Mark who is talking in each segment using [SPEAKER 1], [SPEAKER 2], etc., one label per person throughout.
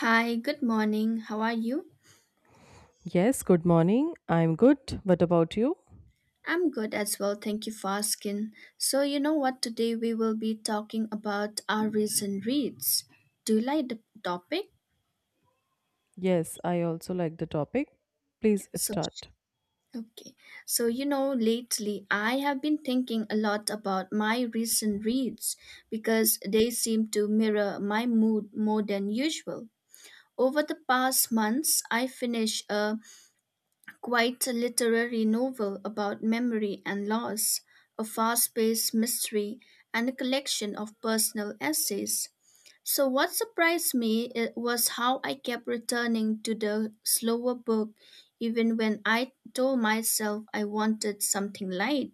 [SPEAKER 1] Hi, good morning. How are you?
[SPEAKER 2] Yes, good morning. I'm good. What about you?
[SPEAKER 1] I'm good as well. Thank you for asking. So, you know what? Today we will be talking about our recent reads. Do you like the topic?
[SPEAKER 2] Yes, I also like the topic.
[SPEAKER 1] Yeah,
[SPEAKER 2] Please
[SPEAKER 1] so
[SPEAKER 2] start.
[SPEAKER 1] okay. So, you know, lately I have been thinking a lot about my recent reads because they seem to mirror my mood more than usual. Over the past months, I finished a quite a literary novel about memory and loss, a fast paced mystery, and a collection of personal essays. So, what surprised me it was how I kept returning to the slower book even when I told myself I wanted something light.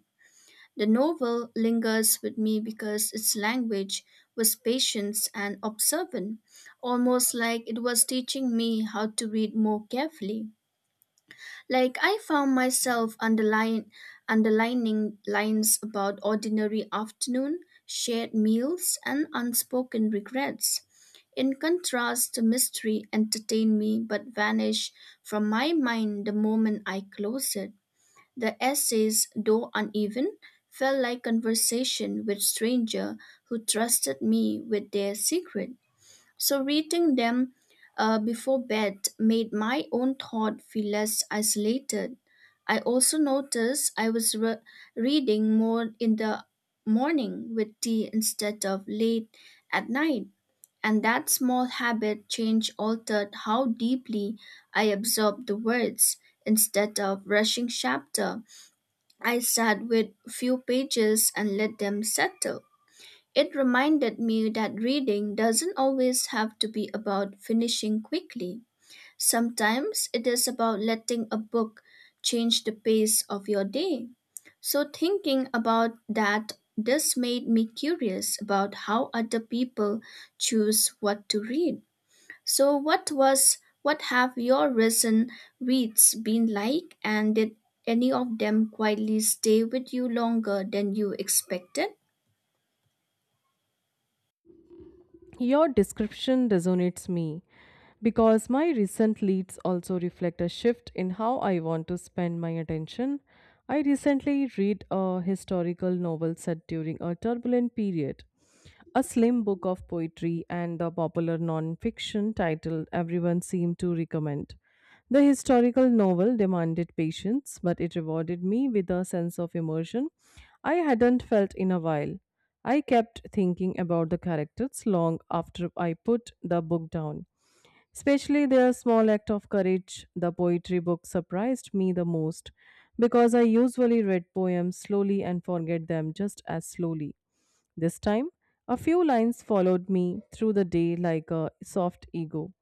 [SPEAKER 1] The novel lingers with me because its language was patient and observant, almost like it was teaching me how to read more carefully. Like I found myself underlining lines about ordinary afternoon, shared meals, and unspoken regrets. In contrast, the mystery entertained me but vanished from my mind the moment I closed it. The essays, though uneven, felt like conversation with stranger who trusted me with their secret. So reading them before bed made my own thought feel less isolated. I also noticed I was reading more in the morning with tea instead of late at night. And that small habit change altered how deeply I absorbed the words. Instead of rushing chapter, I sat with few pages and let them settle. It reminded me that reading doesn't always have to be about finishing quickly. Sometimes it is about letting a book change the pace of your day. So, thinking about that, this made me curious about how other people choose what to read. So, what have your recent reads been like, and did any of them quietly stay with you longer than you expected?
[SPEAKER 2] Your description resonates me because my recent leads also reflect a shift in how I want to spend my attention. I recently read a historical novel set during a turbulent period, a slim book of poetry, and the popular non-fiction title everyone seemed to recommend. The historical novel demanded patience, but it rewarded me with a sense of immersion I hadn't felt in a while. I kept thinking about the characters long after I put the book down, especially their small act of courage. The poetry book surprised me the most because I usually read poems slowly and forget them just as slowly. This time, a few lines followed me through the day like a soft ego.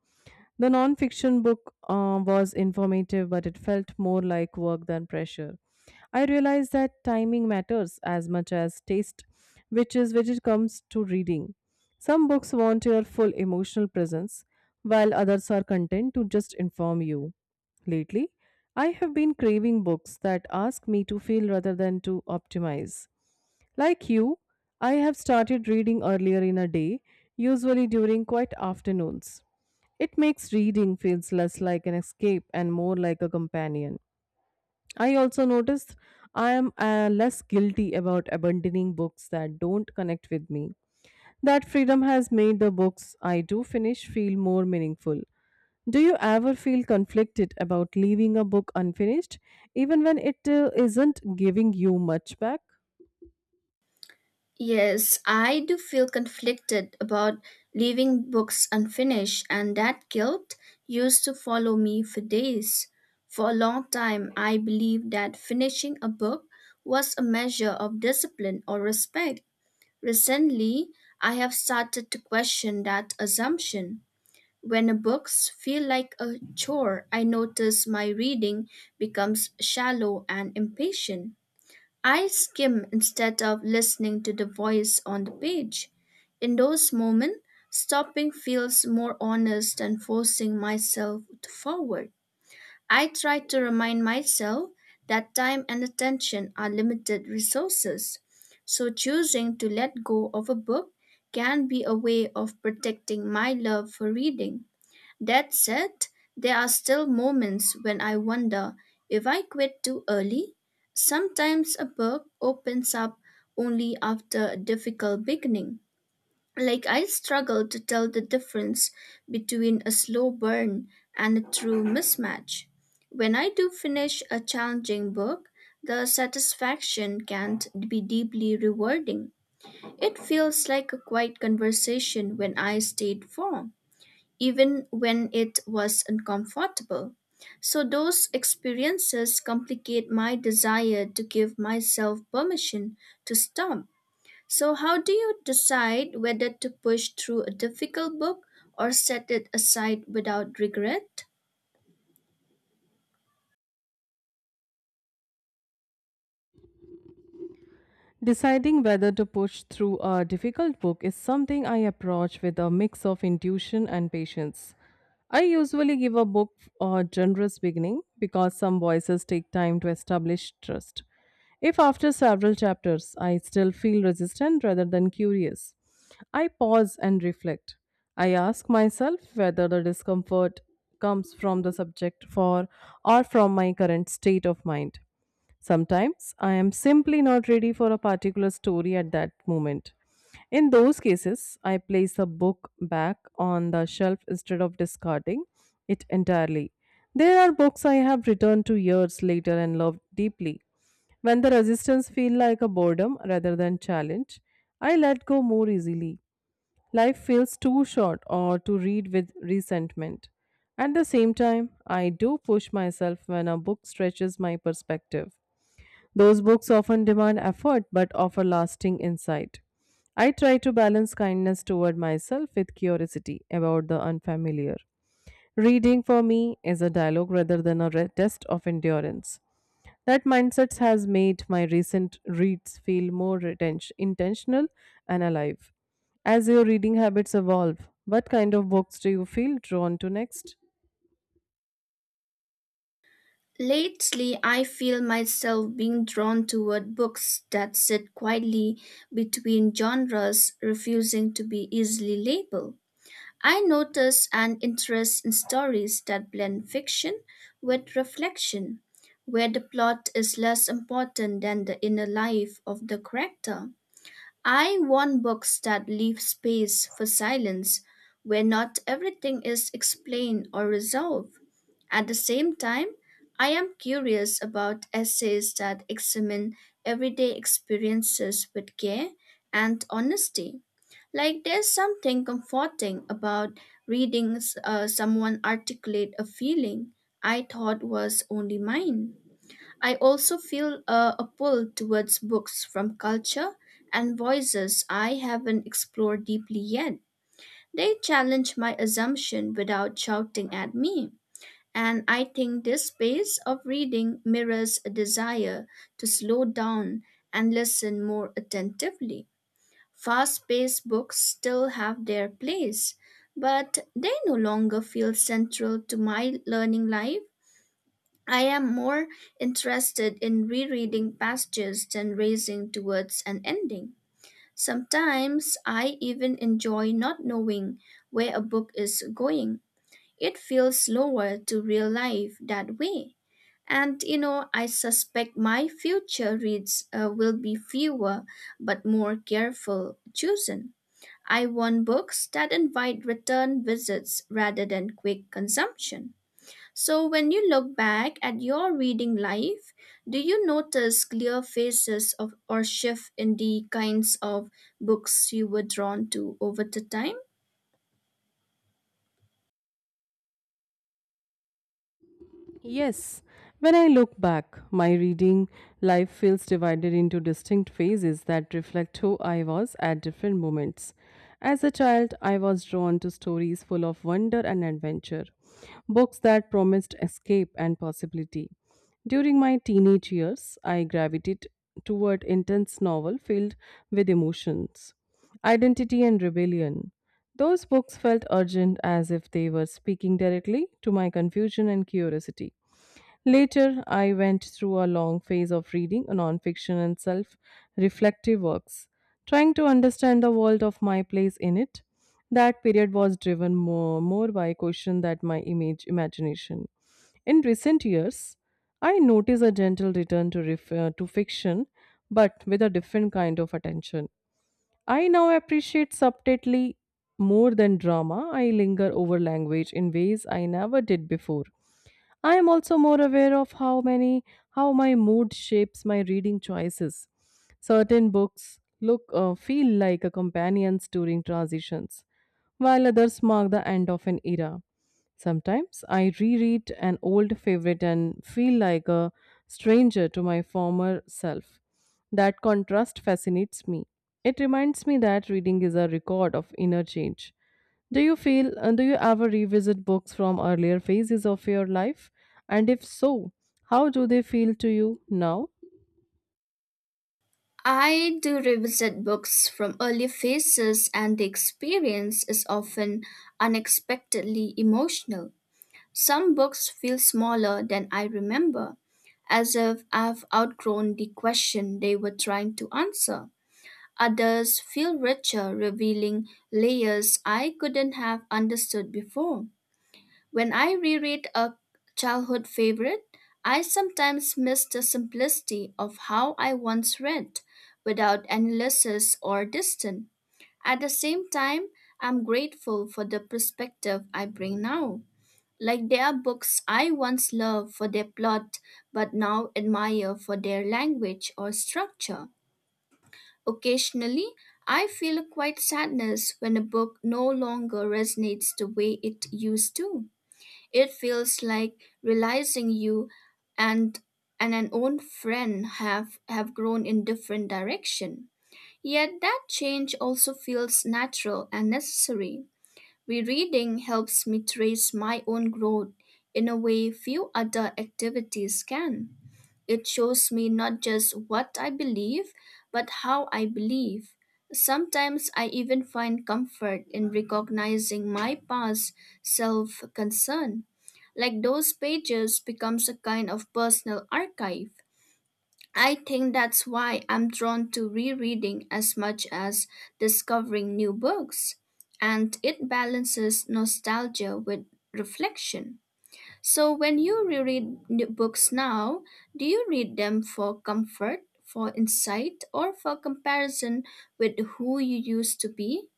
[SPEAKER 2] The non-fiction book was informative, but it felt more like work than pressure. I realized that timing matters as much as taste, which is which it comes to reading. Some books want your full emotional presence, while others are content to just inform you. Lately, I have been craving books that ask me to feel rather than to optimize. Like you, I have started reading earlier in a day, usually during quiet afternoons. It makes reading feels less like an escape and more like a companion. I also noticed I am less guilty about abandoning books that don't connect with me. That freedom has made the books I do finish feel more meaningful. Do you ever feel conflicted about leaving a book unfinished, even when it isn't giving you much back?
[SPEAKER 1] Yes, I do feel conflicted about leaving books unfinished, and that guilt used to follow me for days. For a long time, I believed that finishing a book was a measure of discipline or respect. Recently, I have started to question that assumption. When a books feel like a chore, I notice my reading becomes shallow and impatient. I skim instead of listening to the voice on the page. In those moments, stopping feels more honest than forcing myself to forward. I try to remind myself that time and attention are limited resources, so choosing to let go of a book can be a way of protecting my love for reading. That said, there are still moments when I wonder if I quit too early. Sometimes a book opens up only after a difficult beginning. Like I struggle to tell the difference between a slow burn and a true mismatch. When I do finish a challenging book, the satisfaction can't be deeply rewarding. It feels like a quiet conversation when I stayed for even when it was uncomfortable. So, those experiences complicate my desire to give myself permission to stop. So, how do you decide whether to push through a difficult book or set it aside without regret?
[SPEAKER 2] Deciding whether to push through a difficult book is something I approach with a mix of intuition and patience. I usually give a book a generous beginning because some voices take time to establish trust. If after several chapters I still feel resistant rather than curious, I pause and reflect. I ask myself whether the discomfort comes from the subject for or from my current state of mind. Sometimes I am simply not ready for a particular story at that moment. In those cases, I place a book back on the shelf instead of discarding it entirely. There are books I have returned to years later and loved deeply. When the resistance feels like a boredom rather than challenge, I let go more easily. Life feels too short or to read with resentment. At the same time, I do push myself when a book stretches my perspective. Those books often demand effort but offer lasting insight. I try to balance kindness toward myself with curiosity about the unfamiliar. Reading for me is a dialogue rather than a test of endurance. That mindset has made my recent reads feel more intentional and alive. As your reading habits evolve, what kind of books do you feel drawn to next?
[SPEAKER 1] Lately, I feel myself being drawn toward books that sit quietly between genres, refusing to be easily labeled. I noticed an interest in stories that blend fiction with reflection, where the plot is less important than the inner life of the character. I want books that leave space for silence, where not everything is explained or resolved. At the same time, I am curious about essays that examine everyday experiences with care and honesty. Like there's something comforting about reading someone articulate a feeling I thought was only mine. I also feel a pull towards books from culture and voices I haven't explored deeply yet. They challenge my assumption without shouting at me. And I think this pace of reading mirrors a desire to slow down and listen more attentively. Fast paced books still have their place, but they no longer feel central to my learning life. I am more interested in rereading passages than racing towards an ending. Sometimes I even enjoy not knowing where a book is going. It feels slower to real life that way. And you know, I suspect my future reads will be fewer but more careful chosen. I want books that invite return visits rather than quick consumption. So, when you look back at your reading life, do you notice clear phases of or shift in the kinds of books you were drawn to over the time?
[SPEAKER 2] Yes, when I look back, my reading life feels divided into distinct phases that reflect who I was at different moments. As a child, I was drawn to stories full of wonder and adventure, books that promised escape and possibility. During my teenage years, I gravitated toward intense novel filled with emotions, identity and rebellion. Those books felt urgent as if they were speaking directly to my confusion and curiosity. Later, I went through a long phase of reading nonfiction and self reflective works, trying to understand the world of my place in it. That period was driven more by question than my image imagination. In recent years, I notice a gentle return to, to fiction, but with a different kind of attention. I now appreciate subtlety more than drama. I linger over language in ways I never did before. I am also more aware of how my mood shapes my reading choices. Certain books look feel like a companions during transitions, while others mark the end of an era. Sometimes I reread an old favorite and feel like a stranger to my former self. That contrast fascinates me. It reminds me that reading is a record of inner change. Do you feel uh, do you ever revisit books from earlier phases of your life? And if so, how do they feel to you now?
[SPEAKER 1] I do revisit books from early phases, and the experience is often unexpectedly emotional. Some books feel smaller than I remember, as if I've outgrown the question they were trying to answer. Others feel richer, revealing layers I couldn't have understood before. When I reread a childhood favorite, I sometimes miss the simplicity of how I once read, without analysis or distance. At the same time, I'm grateful for the perspective I bring now. Like there are books I once loved for their plot, but now admire for their language or structure. Occasionally, I feel a quiet sadness when a book no longer resonates the way it used to. It feels like realizing you and and an old friend have grown in different direction. Yet that change also feels natural and necessary. Rereading helps me trace my own growth in a way few other activities can. It shows me not just what I believe, but how I believe. Sometimes I even find comfort in recognizing my past self concern. Like those pages becomes a kind of personal archive. I think that's why I'm drawn to rereading as much as discovering new books, and it balances nostalgia with reflection. So, when you reread new books now, do you read them for comfort, for insight, or for comparison with who you used to be?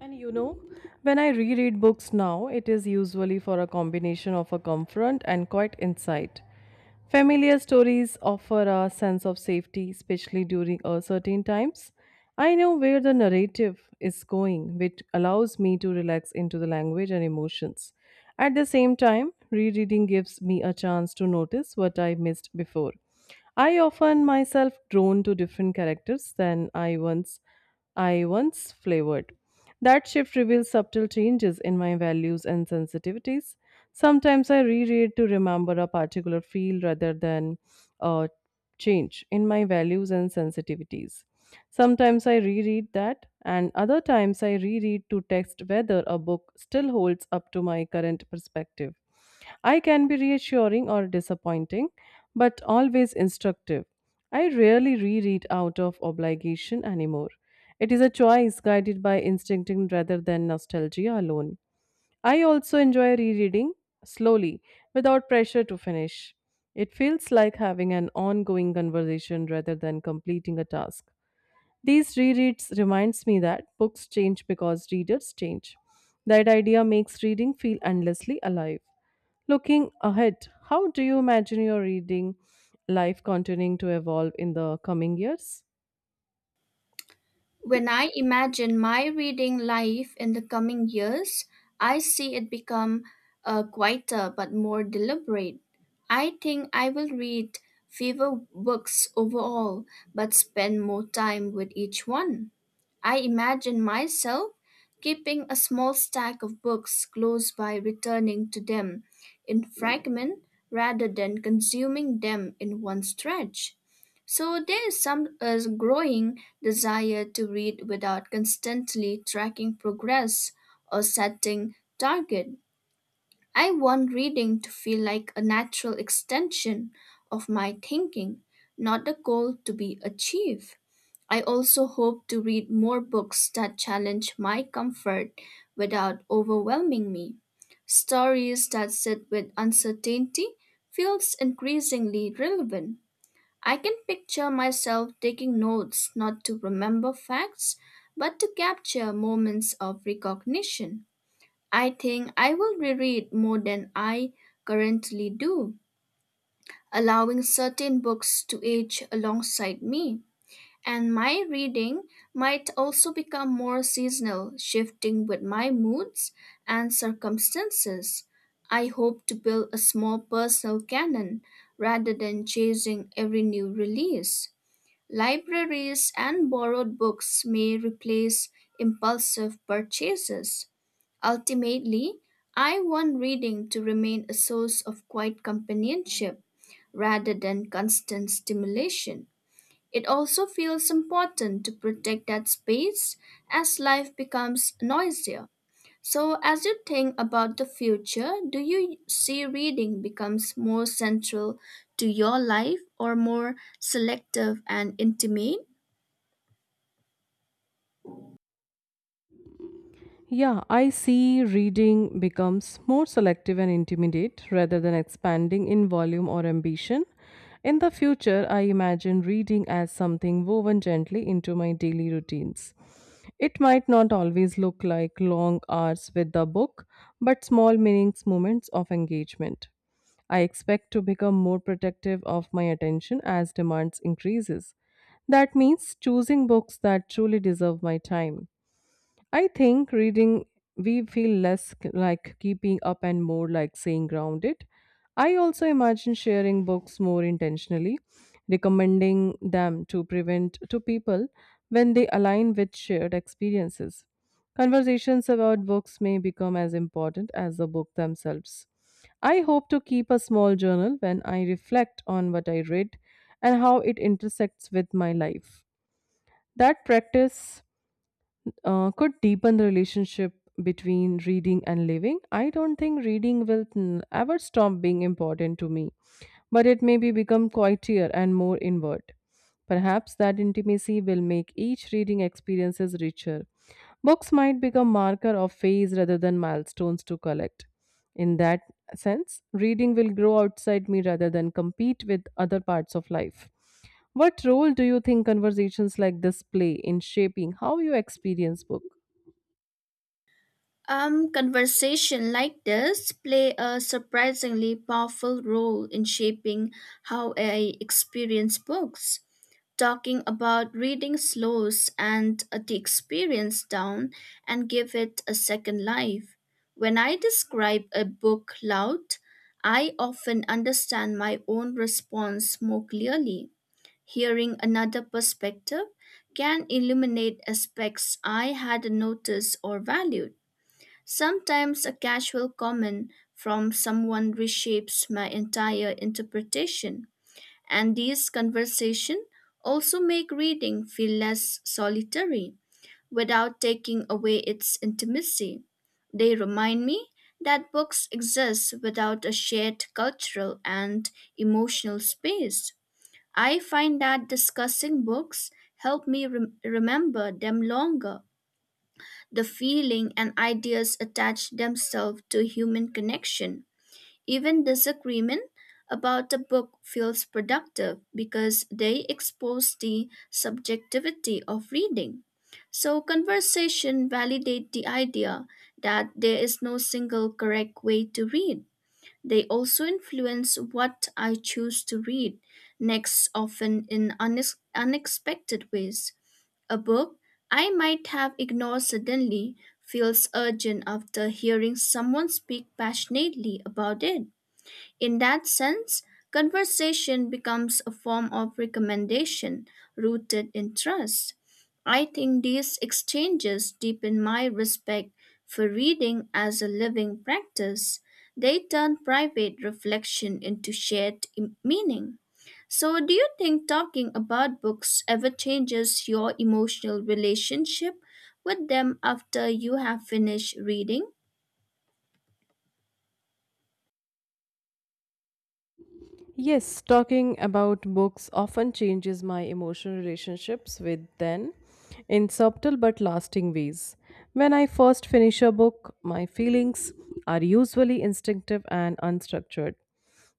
[SPEAKER 2] And you know, when I reread books now, it is usually for a combination of a comfort and quite insight. Familiar stories offer a sense of safety, especially during uncertain times. I know where the narrative is going, which allows me to relax into the language and emotions. At the same time, rereading gives me a chance to notice what I missed before. I often myself drawn to different characters than I once flavored. That shift reveals subtle changes in my values and sensitivities. Sometimes I reread to remember a particular feel rather than a change in my values and sensitivities. Sometimes I reread that, and other times I reread to text whether a book still holds up to my current perspective. I can be reassuring or disappointing, but always instructive. I rarely reread out of obligation anymore. It is a choice guided by instinct rather than nostalgia alone. I also enjoy rereading slowly without pressure to finish. It feels like having an ongoing conversation rather than completing a task. These rereads reminds me that books change because readers change. That idea makes reading feel endlessly alive. Looking ahead, how do you imagine your reading life continuing to evolve in the coming years?
[SPEAKER 1] When I imagine my reading life in the coming years, I see it become quieter but more deliberate. I think I will read fewer books overall but spend more time with each one. I imagine myself keeping a small stack of books close by returning to them in fragment rather than consuming them in one stretch. So there is some growing desire to read without constantly tracking progress or setting target. I want reading to feel like a natural extension of my thinking, not a goal to be achieved. I also hope to read more books that challenge my comfort without overwhelming me. Stories that sit with uncertainty feels increasingly relevant. I can picture myself taking notes not to remember facts, but to capture moments of recognition. I think I will reread more than I currently do, allowing certain books to age alongside me. And my reading might also become more seasonal, shifting with my moods and circumstances. I hope to build a small personal canon rather than chasing every new release. Libraries and borrowed books may replace impulsive purchases. Ultimately, I want reading to remain a source of quiet companionship rather than constant stimulation. It also feels important to protect that space as life becomes noisier. So, as you think about the future, do you see reading becomes more central to your life or more selective and intimate?
[SPEAKER 2] Yeah, I see reading becomes more selective and intimidate rather than expanding in volume or ambition. In the future, I imagine reading as something woven gently into my daily routines. It might not always look like long hours with the book, but small meanings moments of engagement. I expect to become more protective of my attention as demands increases. That means choosing books that truly deserve my time. I think reading, we feel less like keeping up and more like staying grounded. I also imagine sharing books more intentionally, recommending them to prevent to people when they align with shared experiences. Conversations about books may become as important as the book themselves. I hope to keep a small journal when I reflect on what I read and how it intersects with my life. That practice could deepen the relationship between reading and living. I don't think reading will ever stop being important to me but it may be become quieter and more inward. Perhaps that intimacy will make each reading experiences richer. Books might become marker of phase rather than milestones to collect. In that sense, reading will grow outside me rather than compete with other parts of life. What role do you think conversations like this play in shaping how you experience book?
[SPEAKER 1] Conversation like this play a surprisingly powerful role in shaping how I experience books. Talking about reading slows and the experience down and give it a second life. When I describe a book loud, I often understand my own response more clearly. Hearing another perspective can illuminate aspects I hadn't noticed or valued. Sometimes a casual comment from someone reshapes my entire interpretation, and these conversations also make reading feel less solitary without taking away its intimacy. They remind me that books exist without a shared cultural and emotional space. I find that discussing books help me remember them longer the feeling and ideas attach themselves to human connection. Even disagreement about a book feels productive because they expose the subjectivity of reading. So conversation validate the idea that there is no single correct way to read. They also influence what I choose to read next often in unexpected ways. A book I might have ignored suddenly feels urgent after hearing someone speak passionately about it. In that sense, conversation becomes a form of recommendation rooted in trust. I think these exchanges deepen my respect for reading as a living practice. They turn private reflection into shared meaning. So, do you think talking about books ever changes your emotional relationship with them after you have finished reading?
[SPEAKER 2] Yes, talking about books often changes my emotional relationships with them in subtle but lasting ways. When I first finish a book, my feelings are usually instinctive and unstructured.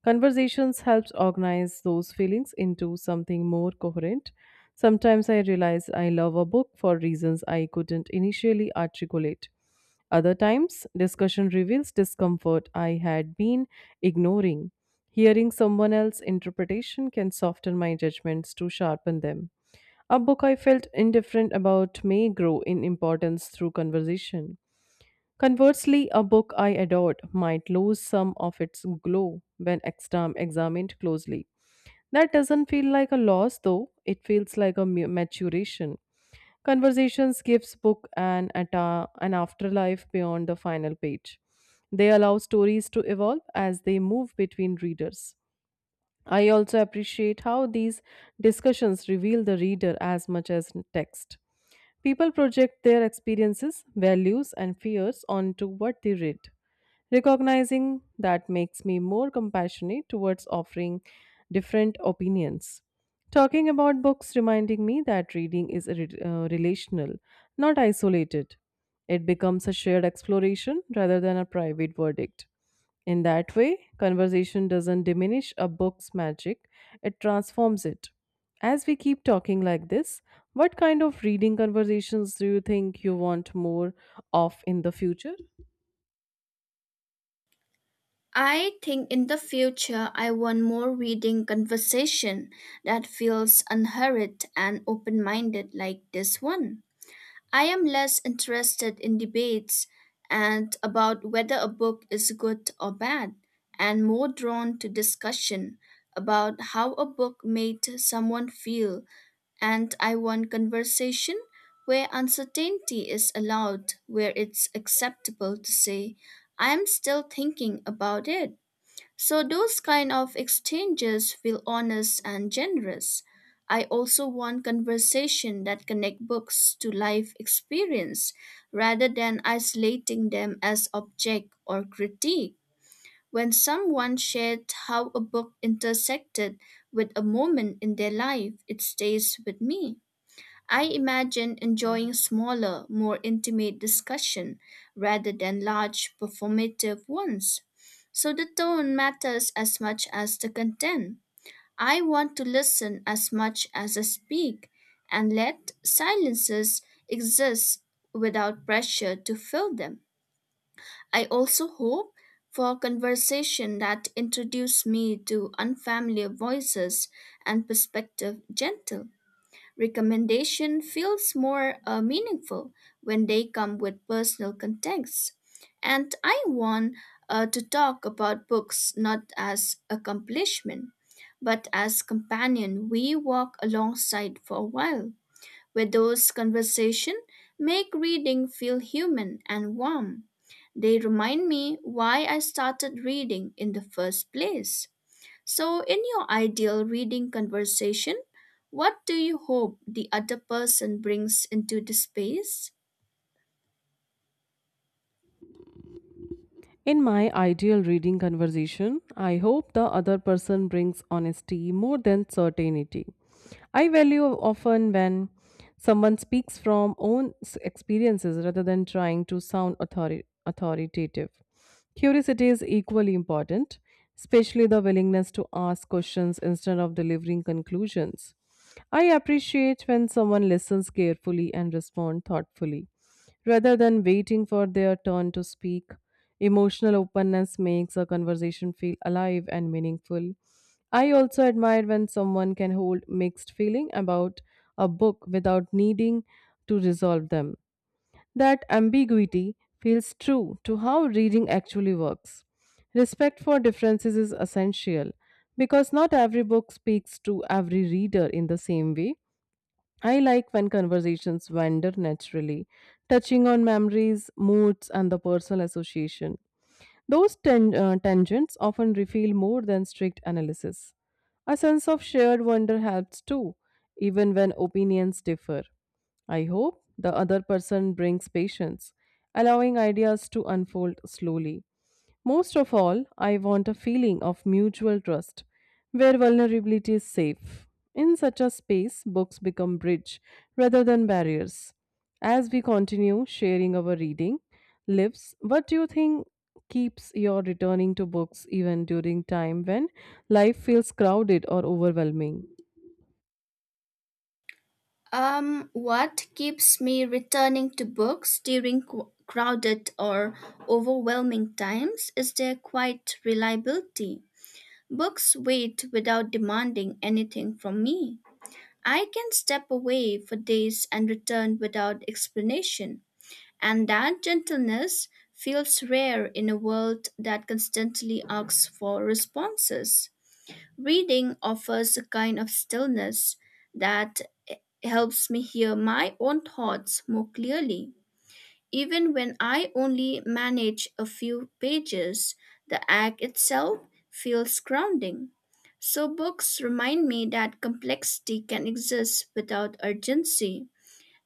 [SPEAKER 2] Conversations helps organize those feelings into something more coherent. Sometimes I realize I love a book for reasons I couldn't initially articulate. Other times, discussion reveals discomfort I had been ignoring. Hearing someone else's interpretation can soften my judgments to sharpen them. A book I felt indifferent about may grow in importance through conversation. Conversely, a book I adored might lose some of its glow when examined closely. That doesn't feel like a loss though, it feels like a maturation. Conversations gives book an afterlife beyond the final page. They allow stories to evolve as they move between readers. I also appreciate how these discussions reveal the reader as much as text. People project their experiences, values, and fears onto what they read. Recognizing that makes me more compassionate towards offering different opinions. Talking about books reminding me that reading is relational, not isolated. It becomes a shared exploration rather than a private verdict. In that way, conversation doesn't diminish a book's magic, it transforms it. As we keep talking like this, what kind of reading conversations do you think you want more of in the future?
[SPEAKER 1] I think in the future I want more reading conversation that feels unhurried and open-minded like this one. I am less interested in debates and about whether a book is good or bad and more drawn to discussion about how a book made someone feel. And I want conversation where uncertainty is allowed, where it's acceptable to say, I'm still thinking about it. So those kind of exchanges feel honest and generous. I also want conversation that connect books to life experience rather than isolating them as object or critique. When someone shared how a book intersected with a moment in their life, it stays with me. I imagine enjoying smaller, more intimate discussion rather than large performative ones. So the tone matters as much as the content. I want to listen as much as I speak and let silences exist without pressure to fill them. I also hope for conversation that introduce me to unfamiliar voices and perspective gentle. Recommendation feels more meaningful when they come with personal context. And I want to talk about books not as accomplishment, but as companion we walk alongside for a while. With those conversation make reading feel human and warm. They remind me why I started reading in the first place. So, in your ideal reading conversation, what do you hope the other person brings into the space?
[SPEAKER 2] In my ideal reading conversation, I hope the other person brings honesty more than certainty. I value often when someone speaks from experiences rather than trying to sound authoritative. Curiosity is equally important, especially the willingness to ask questions instead of delivering conclusions. I appreciate when someone listens carefully and responds thoughtfully. Rather than waiting for their turn to speak, emotional openness makes a conversation feel alive and meaningful. I also admire when someone can hold mixed feeling about a book without needing to resolve them. That ambiguity feels true to how reading actually works. Respect for differences is essential because not every book speaks to every reader in the same way. I like when conversations wander naturally, touching on memories, moods, and the personal association. Those tangents often reveal more than strict analysis. A sense of shared wonder helps too, even when opinions differ. I hope the other person brings patience, allowing ideas to unfold slowly. Most of all, I want a feeling of mutual trust where vulnerability is safe. In such a space, books become bridge rather than barriers. As we continue sharing our reading lives, what do you think keeps your returning to books even during time when life feels crowded or overwhelming?
[SPEAKER 1] What keeps me returning to books during crowded or overwhelming times is their quiet reliability. Books wait without demanding anything from me. I can step away for days and return without explanation. And that gentleness feels rare in a world that constantly asks for responses. Reading offers a kind of stillness that helps me hear my own thoughts more clearly. Even when I only manage a few pages, the act itself feels grounding. So, books remind me that complexity can exist without urgency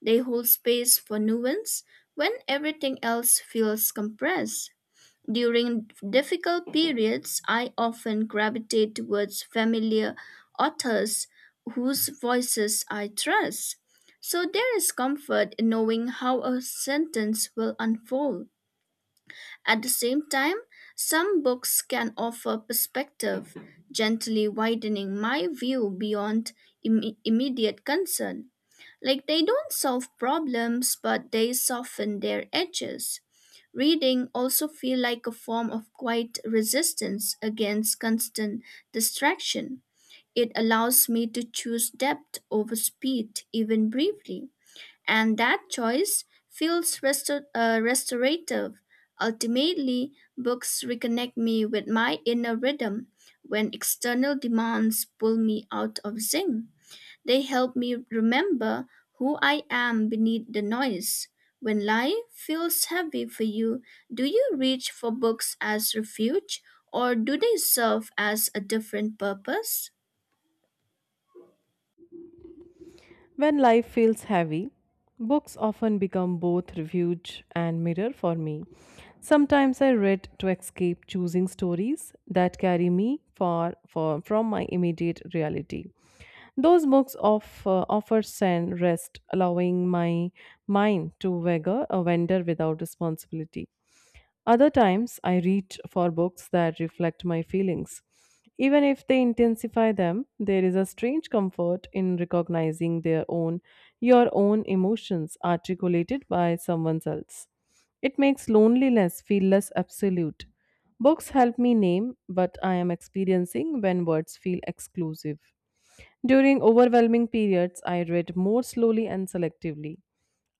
[SPEAKER 1] they hold space for nuance when everything else feels compressed. During difficult periods, I often gravitate towards familiar authors whose voices I trust. So there is comfort in knowing how a sentence will unfold. At the same time, some books can offer perspective, gently widening my view beyond immediate concern. Like they don't solve problems, but they soften their edges. Reading also feel like a form of quiet resistance against constant distraction. It allows me to choose depth over speed, even briefly and that choice feels restorative. Ultimately, books reconnect me with my inner rhythm when external demands pull me out of zinc. They help me remember who I am beneath the noise. When life feels heavy for you, do you reach for books as refuge or do they serve as a different purpose?
[SPEAKER 2] When life feels heavy, books often become both refuge and mirror for me. Sometimes I read to escape choosing stories that carry me far from my immediate reality. Those books offer zen rest, allowing my mind to wager a wander without responsibility. Other times, I reach for books that reflect my feelings. Even if they intensify them, there is a strange comfort in recognizing your own emotions articulated by someone else. It makes loneliness feel less absolute. Books help me name what I am experiencing when words feel exclusive. During overwhelming periods, I read more slowly and selectively.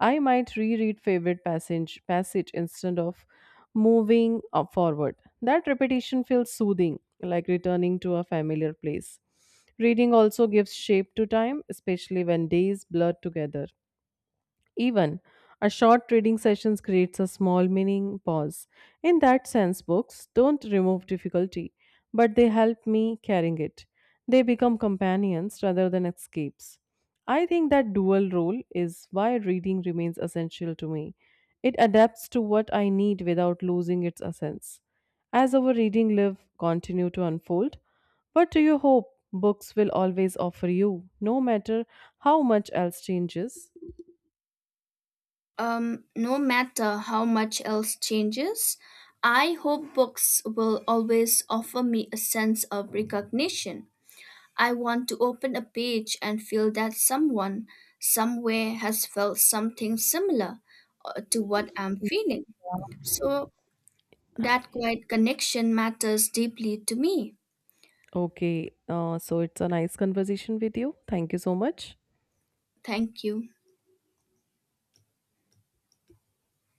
[SPEAKER 2] I might reread favorite passage instead of moving up forward. That repetition feels soothing, like returning to a familiar place. Reading also gives shape to time, especially when days blur together. Even a short reading session creates a small meaning pause. In that sense, books don't remove difficulty, but they help me carrying it. They become companions rather than escapes. I think that dual role is why reading remains essential to me. It adapts to what I need without losing its essence. As our reading live continue to unfold, what do you hope books will always offer you, no matter how much else changes?
[SPEAKER 1] No matter how much else changes, I hope books will always offer me a sense of recognition. I want to open a page and feel that someone, somewhere has felt something similar to what I'm feeling. So that quiet connection matters deeply to me.
[SPEAKER 2] Okay, so it's a nice conversation with you. Thank you so much.
[SPEAKER 1] Thank you.